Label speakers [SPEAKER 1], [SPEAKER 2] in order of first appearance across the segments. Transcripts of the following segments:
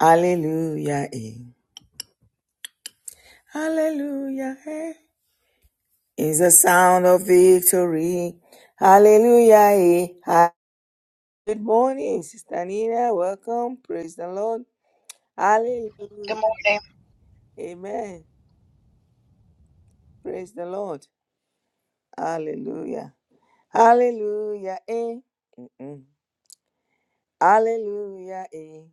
[SPEAKER 1] Hallelujah. eh. Hallelujah. eh, Is the sound of victory. Hallelujah. eh. Ha- Good morning, Sister Nina. Welcome. Praise the Lord.
[SPEAKER 2] Good
[SPEAKER 1] Hallelujah.
[SPEAKER 2] morning.
[SPEAKER 1] Amen. Praise the Lord. Hallelujah. Hallelujah. eh. Mm-mm. Hallelujah. eh.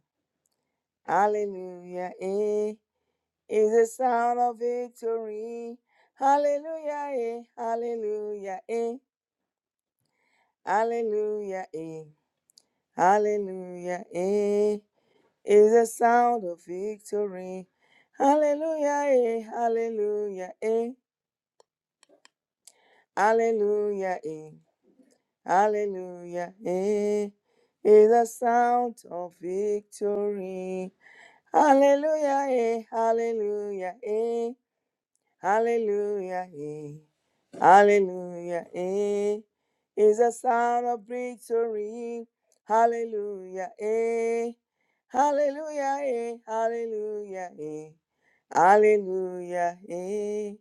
[SPEAKER 1] Hallelujah. eh. Is the sound of victory. Hallelujah. eh. Hallelujah. eh. Hallelujah, eh. Hallelujah, eh. Is the sound of victory. Hallelujah, eh. Hallelujah, eh. Hallelujah, eh. Hallelujah, eh. Is the sound of victory. Hallelujah, eh. Hallelujah, eh. Hallelujah, eh. Hallelujah, eh. Is a sound of victory. Hallelujah, eh. Hallelujah, eh. Hallelujah, eh. Hallelujah, eh.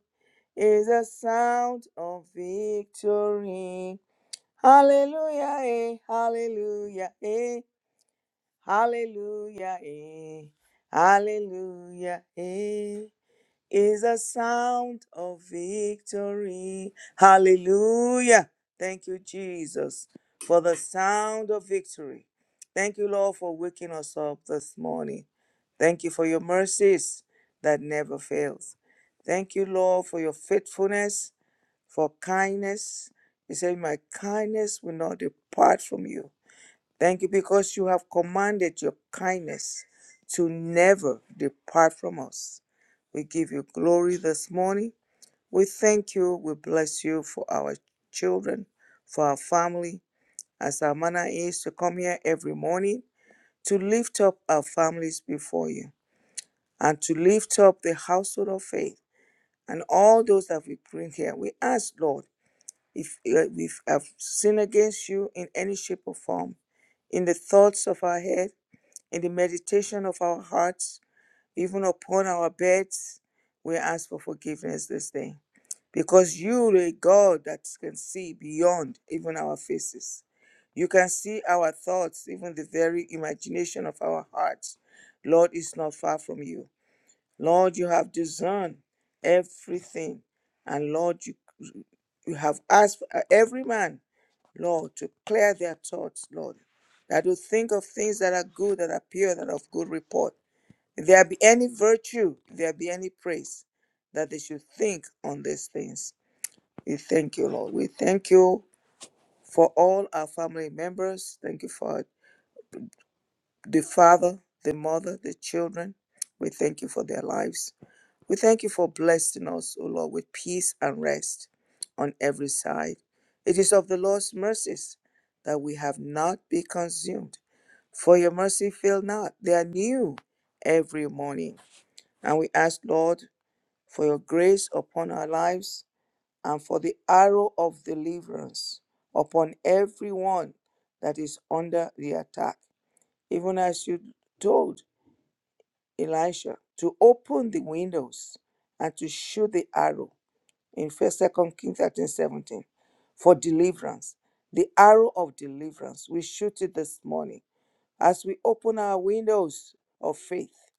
[SPEAKER 1] Is a sound of victory. Hallelujah, eh. Hallelujah, eh. Hallelujah, eh. Hallelujah, eh is a sound of victory. Hallelujah. Thank you, Jesus, for the sound of victory. Thank you, Lord, for waking us up this morning. Thank you for your mercies that never fails. Thank you, Lord, for your faithfulness, for kindness. You say, My kindness will not depart from you. Thank you because you have commanded your kindness to never depart from us. We give you glory this morning. We thank you. We bless you for our children, for our family, as our manner is to come here every morning to lift up our families before you and to lift up the household of faith and all those that we bring here. We ask, Lord, if uh, we have sinned against you in any shape or form, in the thoughts of our head, in the meditation of our hearts, even upon our beds, we ask for forgiveness this day. Because you are a God that can see beyond even our faces. You can see our thoughts, even the very imagination of our hearts. Lord is not far from you. Lord, you have discerned everything. And Lord, you, you have asked uh, every man, Lord, to clear their thoughts, Lord, that will think of things that are good, that are pure, that are of good report. If there be any virtue, if there be any praise, that they should think on these things. We thank you, Lord. We thank you for all our family members. Thank you for the father, the mother, the children. We thank you for their lives. We thank you for blessing us, O Lord, with peace and rest on every side. It is of the Lord's mercies that we have not been consumed, for your mercy fail not. They are new every morning. And we ask, Lord, for your grace upon our lives and for the arrow of deliverance upon everyone that is under the attack. Even as you told Elisha to open the windows and to shoot the arrow in First, Second Kings 13 17, for deliverance. The arrow of deliverance, we shoot it this morning as we open our windows of faith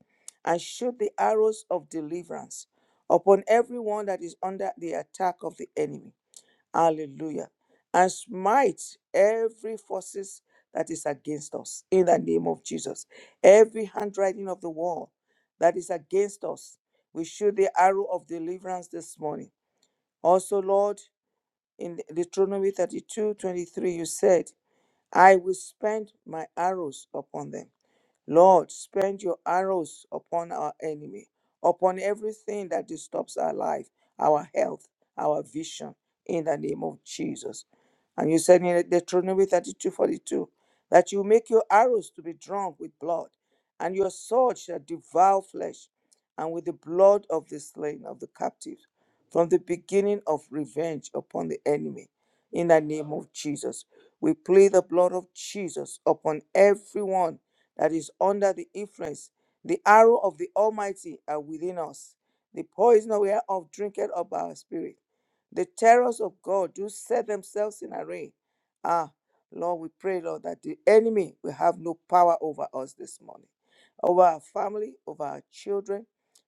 [SPEAKER 1] and shoot the arrows of deliverance upon everyone that is under the attack of the enemy. Hallelujah. And smite every forces that is against us in the name of Jesus. Every handwriting of the wall that is against us, we shoot the arrow of deliverance this morning. Also, Lord, in Deuteronomy 32 23, you said, I will spend my arrows upon them Lord, spend your arrows upon our enemy, upon everything that disturbs our life, our health, our vision, in the name of Jesus. And you said in Deuteronomy 32 42 that you make your arrows to be drawn with blood, and your sword shall devour flesh, and with the blood of the slain of the captives, from the beginning of revenge upon the enemy, in the name of Jesus. We plead the blood of Jesus upon everyone that is under the influence. The arrow of the Almighty are within us. The poison whereof drinketh up our spirit. The terrors of God do set themselves in array. Ah, Lord, we pray, Lord, that the enemy will have no power over us this morning, over our family, over our children.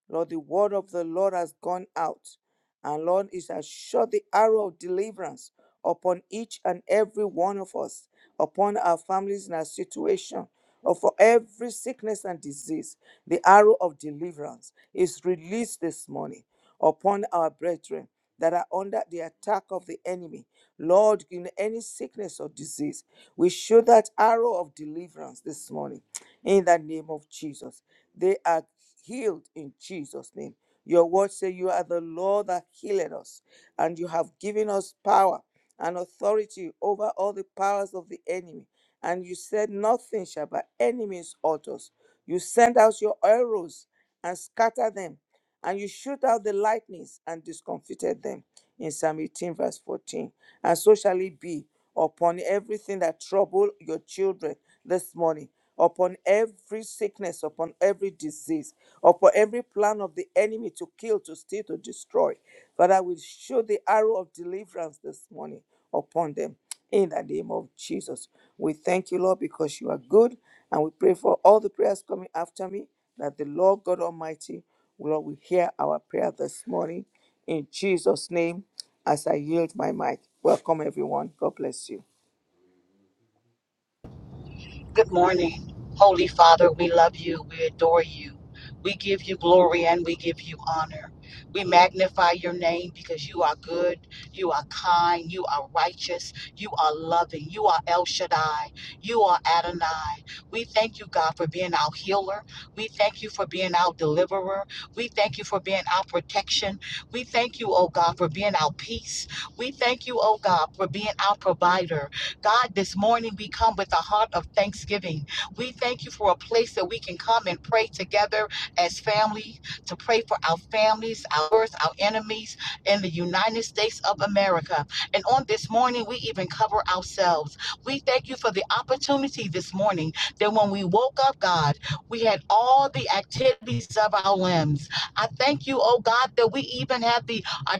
[SPEAKER 1] Lord, the word of the Lord has gone out. And Lord, it has shot the arrow of deliverance upon each and every one of us upon our families and our situation, or for every sickness and disease, the arrow of deliverance is released this morning upon our brethren that are under the attack of the enemy. Lord, in any sickness or disease, we show that arrow of deliverance this morning in the name of Jesus. They are healed in Jesus' name. Your words say you are the Lord that healed us, and you have given us power and authority over all the powers of the enemy. And you said, Nothing shall by any means hurt us. You send out your arrows and scatter them and you shoot out the lightnings and discomfited them in psalm 18 verse 14 and so shall it be upon everything that trouble your children this morning upon every sickness upon every disease upon every plan of the enemy to kill to steal to destroy father we shoot the arrow of deliverance this morning upon them in the name of Jesus, we thank you, Lord, because you are good. And we pray for all the prayers coming after me that the Lord God Almighty, Lord, will hear our prayer this morning. In Jesus' name, as I yield my mic. Welcome, everyone. God bless you.
[SPEAKER 2] Good morning. Holy Father, we love you. We adore you. We give you glory and we give you honor. We magnify your name because you are good, you are kind, you are righteous, you are loving, you are El Shaddai, you are Adonai. We thank you, God, for being our healer. We thank you for being our deliverer. We thank you for being our protection. We thank you, oh God, for being our peace. We thank you, oh God, for being our provider. God, this morning we come with a heart of thanksgiving. We thank you for a place that we can come and pray together as family, to pray for our families, ours, our enemies in the United States of America. And on this morning, we even cover ourselves. We thank you for the opportunity this morning that when we woke up, God, we had all the activities of our limbs. I thank you, oh God, that we even have the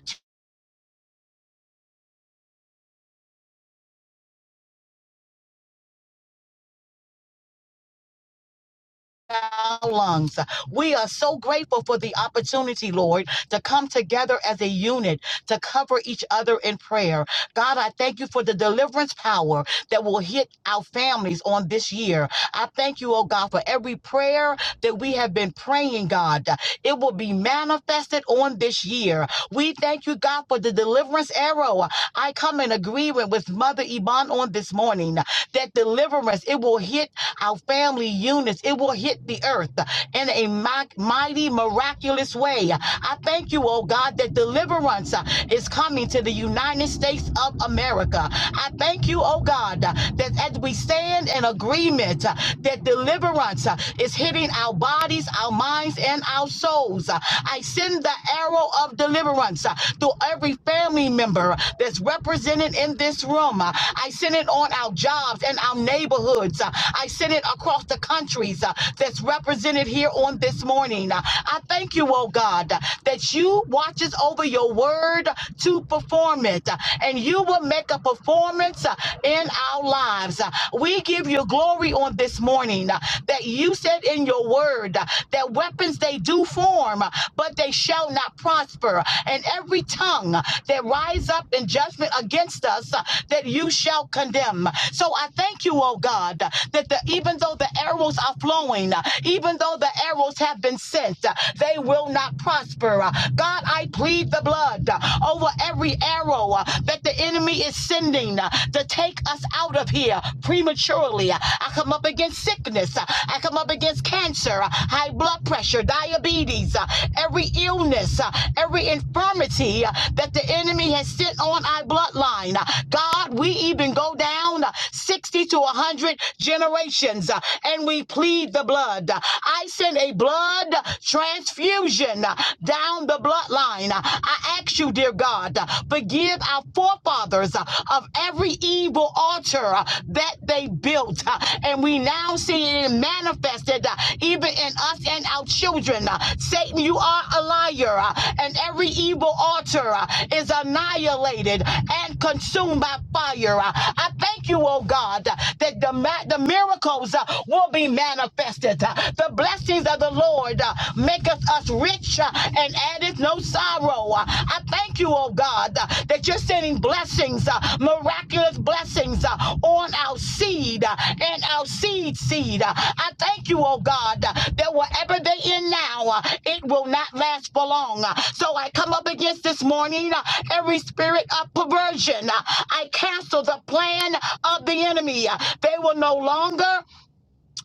[SPEAKER 2] our lungs. We are so grateful for the opportunity, Lord, to come together as a unit to cover each other in prayer. God, I thank you for the deliverance power that will hit our families on this year. I thank you, oh God, for every prayer that we have been praying, God. It will be manifested on this year. We thank you, God, for the deliverance arrow I come in agreement with Mother Iman on this morning that deliverance, it will hit our family units, it will hit the earth in a mi- mighty, miraculous way. I thank you, oh God, that deliverance uh, is coming to the United States of America. I thank you, oh God, uh, that as we stand in agreement, uh, that deliverance uh, is hitting our bodies, our minds, and our souls. Uh, I send send the arrow of deliverance uh, to every family member that's represented in this room. Uh, I send it on our jobs and our neighborhoods. Uh, I send it across the countries uh, that's represented here on this morning. Uh, I thank you, oh God, uh, that you watches over your word to perform it, uh, and you will make a performance uh, in our lives. Uh, We give you glory on this morning uh, that you you said in your word uh, that weapons they do form, uh, but they shall not prosper. And every tongue uh, that rise up in judgment against us, uh, that you shall condemn. So I thank you, oh God, uh, that the, even though the arrows are flowing, uh, even though the arrows have been sent, uh, they will not prosper. Uh, God, I plead the blood uh, over every arrow uh, that the enemy is sending uh, to take us us out of here prematurely. I come up against sickness. I come up against cancer, high blood pressure, diabetes, every illness, every infirmity that the enemy has sent on our bloodline. God, we even go down 60 to 100 generations and we plead the blood. I send a blood transfusion down the bloodline. I ask you, dear God. God. Forgive our forefathers uh, of every evil altar uh, that they built. uh, And we now see it manifested uh, even in us and our children. Uh, Satan, you are a liar, uh, and every evil altar uh, is annihilated and consumed by fire. Uh, I thank you, oh God, uh, that the, ma- the miracles uh, will be manifested. Uh, The blessings of the Lord uh, maketh us rich uh, and addeth no sorrow. Uh, I thank you, oh God, uh, that you're sending blessings, uh, miraculous blessings uh, on our seed uh, and our seed seed. Uh, I thank you, oh God, uh, that whatever they in now, uh, it will not last for long. Uh, So I come up against this morning uh, every spirit of perversion. Uh, I cancel the plan of the enemy. Uh, They will no longer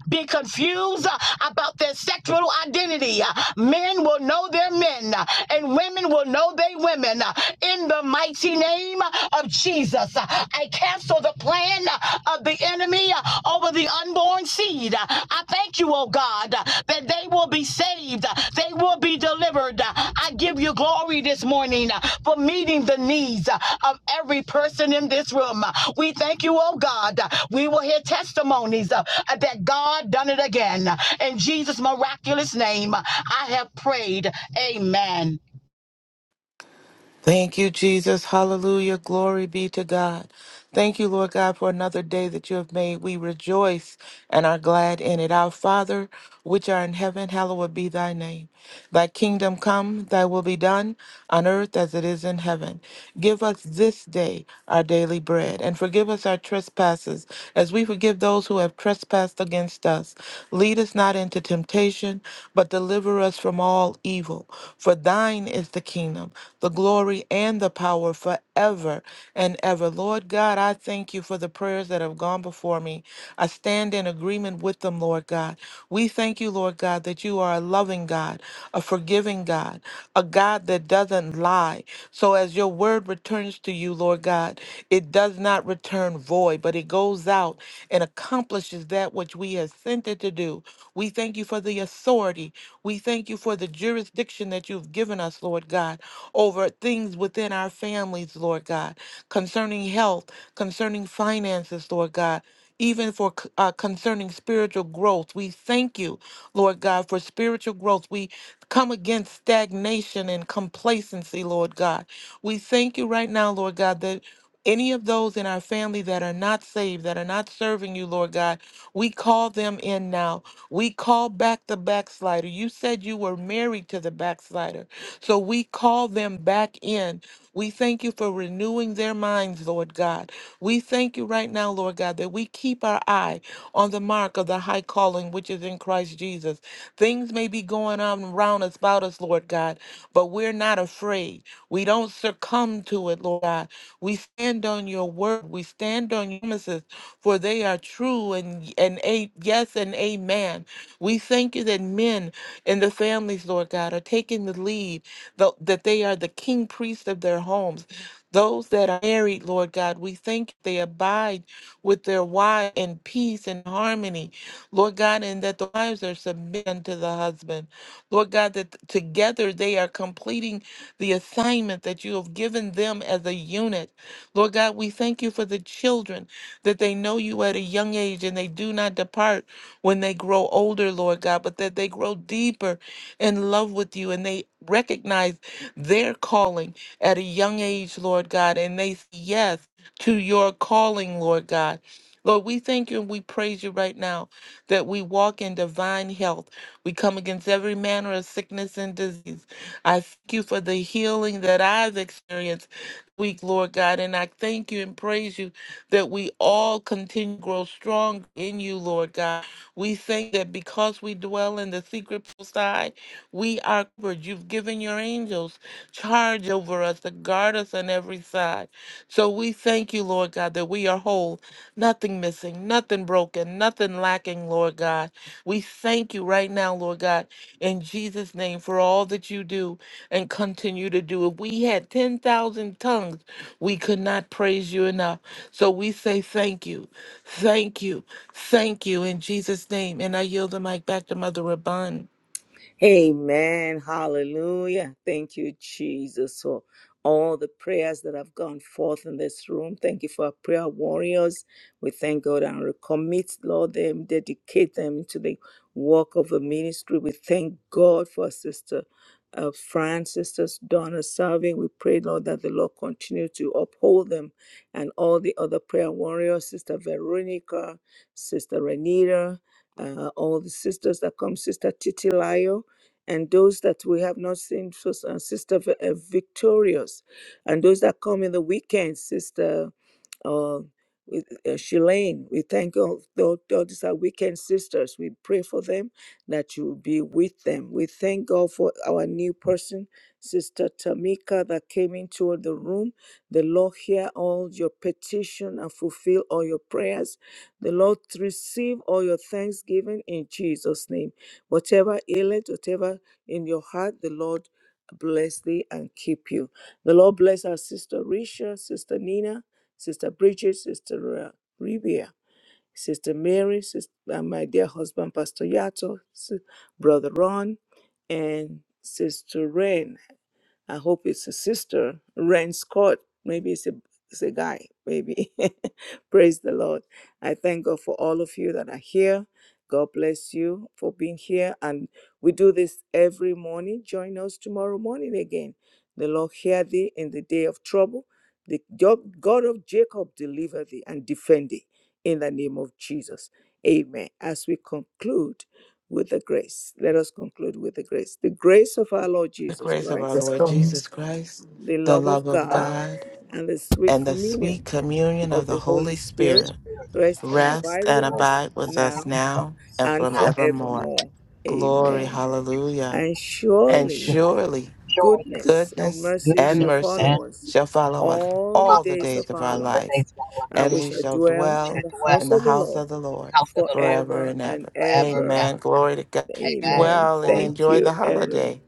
[SPEAKER 2] be confused uh, about their sexual identity. Uh, Men will know their men, uh, and women will know their women. uh, In the mighty name of Jesus, Uh, I cancel the plan uh, of the enemy uh, over the unborn seed. Uh, I thank you, oh God, uh, that they will be saved. They will be delivered. I give you glory this morning for meeting the needs of every person in this room. We thank you, oh God. We will hear testimonies uh, that God done it again. In Jesus' miraculous name, I have prayed. Amen.
[SPEAKER 3] Thank you, Jesus. Hallelujah. Glory be to God. Thank you, Lord God, for another day that you have made. We rejoice and are glad in it. Our Father, which art in heaven, hallowed be thy name. Thy kingdom come, thy will be done on earth as it is in heaven. Give us this day our daily bread and forgive us our trespasses as we forgive those who have trespassed against us. Lead us not into temptation, but deliver us from all evil. For thine is the kingdom the glory and the power forever and ever. Lord God, I thank you for the prayers that have gone before me. I stand in agreement with them, Lord God. We thank you, Lord God, that you are a loving God, a forgiving God, a God that doesn't lie. So as your word returns to you, Lord God, it does not return void, but it goes out and accomplishes that which we have sent it to do. We thank you for the authority. We thank you for the jurisdiction that you've given us, Lord God over things within our families, Lord God, concerning health, concerning finances, Lord God. Even for c- uh, concerning spiritual growth, we thank you, Lord God, for spiritual growth. We come against stagnation and complacency, Lord God. We thank you right now, Lord God, that any of those in our family that are not saved, that are not serving you, Lord God, we call them in now. We call back the backslider. You said you were married to the backslider. So we call them back in. We thank you for renewing their minds, Lord God. We thank you right now, Lord God, that we keep our eye on the mark of the high calling which is in Christ Jesus. Things may be going on around us, about us, Lord God, but we're not afraid. We don't succumb to it, Lord God. We stand on your word. We stand on your promises, for they are true and, and a, yes and amen. We thank you that men and the families, Lord God, are taking the lead, tho- that they are the king priests of their homes. Those that are married, Lord God, we thank they abide with their wives in peace and harmony, Lord God, and that the wives are submitted unto the husband. Lord God, that together they are completing the assignment that you have given them as a unit. Lord God, we thank you for the children that they know you at a young age and they do not depart when they grow older, Lord God, but that they grow deeper in love with you and they recognize their calling at a young age, Lord God, and they say yes to your calling, Lord God. Lord, we thank you and we praise you right now that we walk in divine health. We come against every manner of sickness and disease. I thank you for the healing that I've experienced week, Lord God. And I thank you and praise you that we all continue to grow strong in you, Lord God. We thank that because we dwell in the secret side, we are covered. You've given your angels charge over us to guard us on every side. So we thank you, Lord God, that we are whole, nothing missing, nothing broken, nothing lacking, Lord God. We thank you right now, Lord God in Jesus' name for all that you do and continue to do. If we had 10,000 tongues, we could not praise you enough. So we say thank you, thank you, thank you in Jesus' name. And I yield the mic back to Mother Rabun.
[SPEAKER 1] Amen. Hallelujah. Thank you, Jesus, for all the prayers that have gone forth in this room. Thank you for our prayer warriors. We thank God and recommit, Lord, them, dedicate them to the work of the ministry. We thank God for our sister. Uh, France, sisters Donna Salvi, we pray, Lord, that the Lord continue to uphold them and all the other prayer warriors, Sister Veronica, Sister Renita, uh, all the sisters that come, Sister Titilayo and those that we have not seen, Sis- uh, Sister Vi- uh, Victorious, and those that come in the weekend, Sister uh, with, uh, Shalane. We thank all, all, all these are weekend sisters. We pray for them that you will be with them. We thank God for our new person, Sister Tamika, that came into the room. The Lord hear all your petition and fulfill all your prayers. The Lord receive all your thanksgiving in Jesus' name. Whatever ailment, whatever in your heart, the Lord bless thee and keep you. The Lord bless our sister Risha, sister Nina, sister Bridget, sister uh, Rivia, sister Mary, sister, my dear husband Pastor Yato, si- brother Ron, and sister Ren. I hope it's a sister, Ren Scott. Maybe it's a, it's a guy, maybe. Praise the Lord. I thank God for all of you that are here. God bless you for being here. And we do this every morning. Join us tomorrow morning again. The Lord hear thee in the day of trouble. The God of Jacob deliver thee and defend thee in the name of Jesus. Amen. As we conclude with the grace, let us conclude with the grace. The grace of our Lord
[SPEAKER 3] The
[SPEAKER 1] Jesus
[SPEAKER 3] grace of our
[SPEAKER 1] Christ
[SPEAKER 2] This
[SPEAKER 3] Lord
[SPEAKER 2] comes
[SPEAKER 3] Jesus Christ,
[SPEAKER 1] the
[SPEAKER 3] the
[SPEAKER 1] love of
[SPEAKER 3] love of
[SPEAKER 1] God,
[SPEAKER 3] God,
[SPEAKER 1] and the sweet
[SPEAKER 3] and the sweet
[SPEAKER 1] communion
[SPEAKER 3] communion of
[SPEAKER 1] of
[SPEAKER 3] the
[SPEAKER 1] the Holy
[SPEAKER 3] Holy
[SPEAKER 1] Spirit
[SPEAKER 3] Spirit
[SPEAKER 1] rest and
[SPEAKER 3] rest
[SPEAKER 1] abide
[SPEAKER 3] and
[SPEAKER 1] with us
[SPEAKER 3] abide with us
[SPEAKER 1] now
[SPEAKER 3] now and
[SPEAKER 1] and
[SPEAKER 3] forevermore.
[SPEAKER 1] forevermore.
[SPEAKER 3] Glory,
[SPEAKER 1] Amen.
[SPEAKER 3] hallelujah.
[SPEAKER 1] And
[SPEAKER 3] And
[SPEAKER 2] with
[SPEAKER 1] surely
[SPEAKER 3] surely.
[SPEAKER 2] Joy and
[SPEAKER 1] goodness and
[SPEAKER 3] goodness
[SPEAKER 1] mercy
[SPEAKER 3] and
[SPEAKER 1] shall
[SPEAKER 2] goodness
[SPEAKER 3] mercy
[SPEAKER 1] follow
[SPEAKER 2] and
[SPEAKER 1] us
[SPEAKER 3] shall follow us
[SPEAKER 1] all the
[SPEAKER 3] all the
[SPEAKER 1] days of
[SPEAKER 2] promise.
[SPEAKER 3] days of
[SPEAKER 1] our
[SPEAKER 3] our
[SPEAKER 2] The
[SPEAKER 3] life,
[SPEAKER 1] lives,
[SPEAKER 2] days of our life
[SPEAKER 1] and
[SPEAKER 3] and
[SPEAKER 1] we
[SPEAKER 3] we
[SPEAKER 1] shall
[SPEAKER 3] shall
[SPEAKER 1] dwell in
[SPEAKER 2] should
[SPEAKER 3] dwell
[SPEAKER 1] the house
[SPEAKER 3] in the
[SPEAKER 2] dwell
[SPEAKER 1] of the
[SPEAKER 3] house
[SPEAKER 1] Lord
[SPEAKER 3] of the
[SPEAKER 2] in the
[SPEAKER 3] Lord
[SPEAKER 2] house of the Lord
[SPEAKER 3] forever
[SPEAKER 1] forever
[SPEAKER 3] and
[SPEAKER 1] and
[SPEAKER 3] ever.
[SPEAKER 2] forever and
[SPEAKER 1] ever.
[SPEAKER 2] ever.
[SPEAKER 3] Amen. Glory to God. Be
[SPEAKER 2] Amen.
[SPEAKER 1] Amen.
[SPEAKER 3] well and
[SPEAKER 2] Father, we
[SPEAKER 1] Thank
[SPEAKER 3] enjoy
[SPEAKER 2] thank
[SPEAKER 1] you,
[SPEAKER 3] the
[SPEAKER 2] you.
[SPEAKER 1] everyone.
[SPEAKER 3] holiday.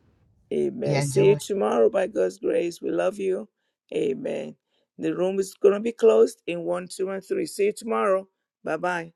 [SPEAKER 2] We
[SPEAKER 1] Amen. See
[SPEAKER 2] enjoy.
[SPEAKER 1] you tomorrow by God's grace. We love you. Amen. The room is going to be closed in one, two, and three. See you tomorrow. Bye bye.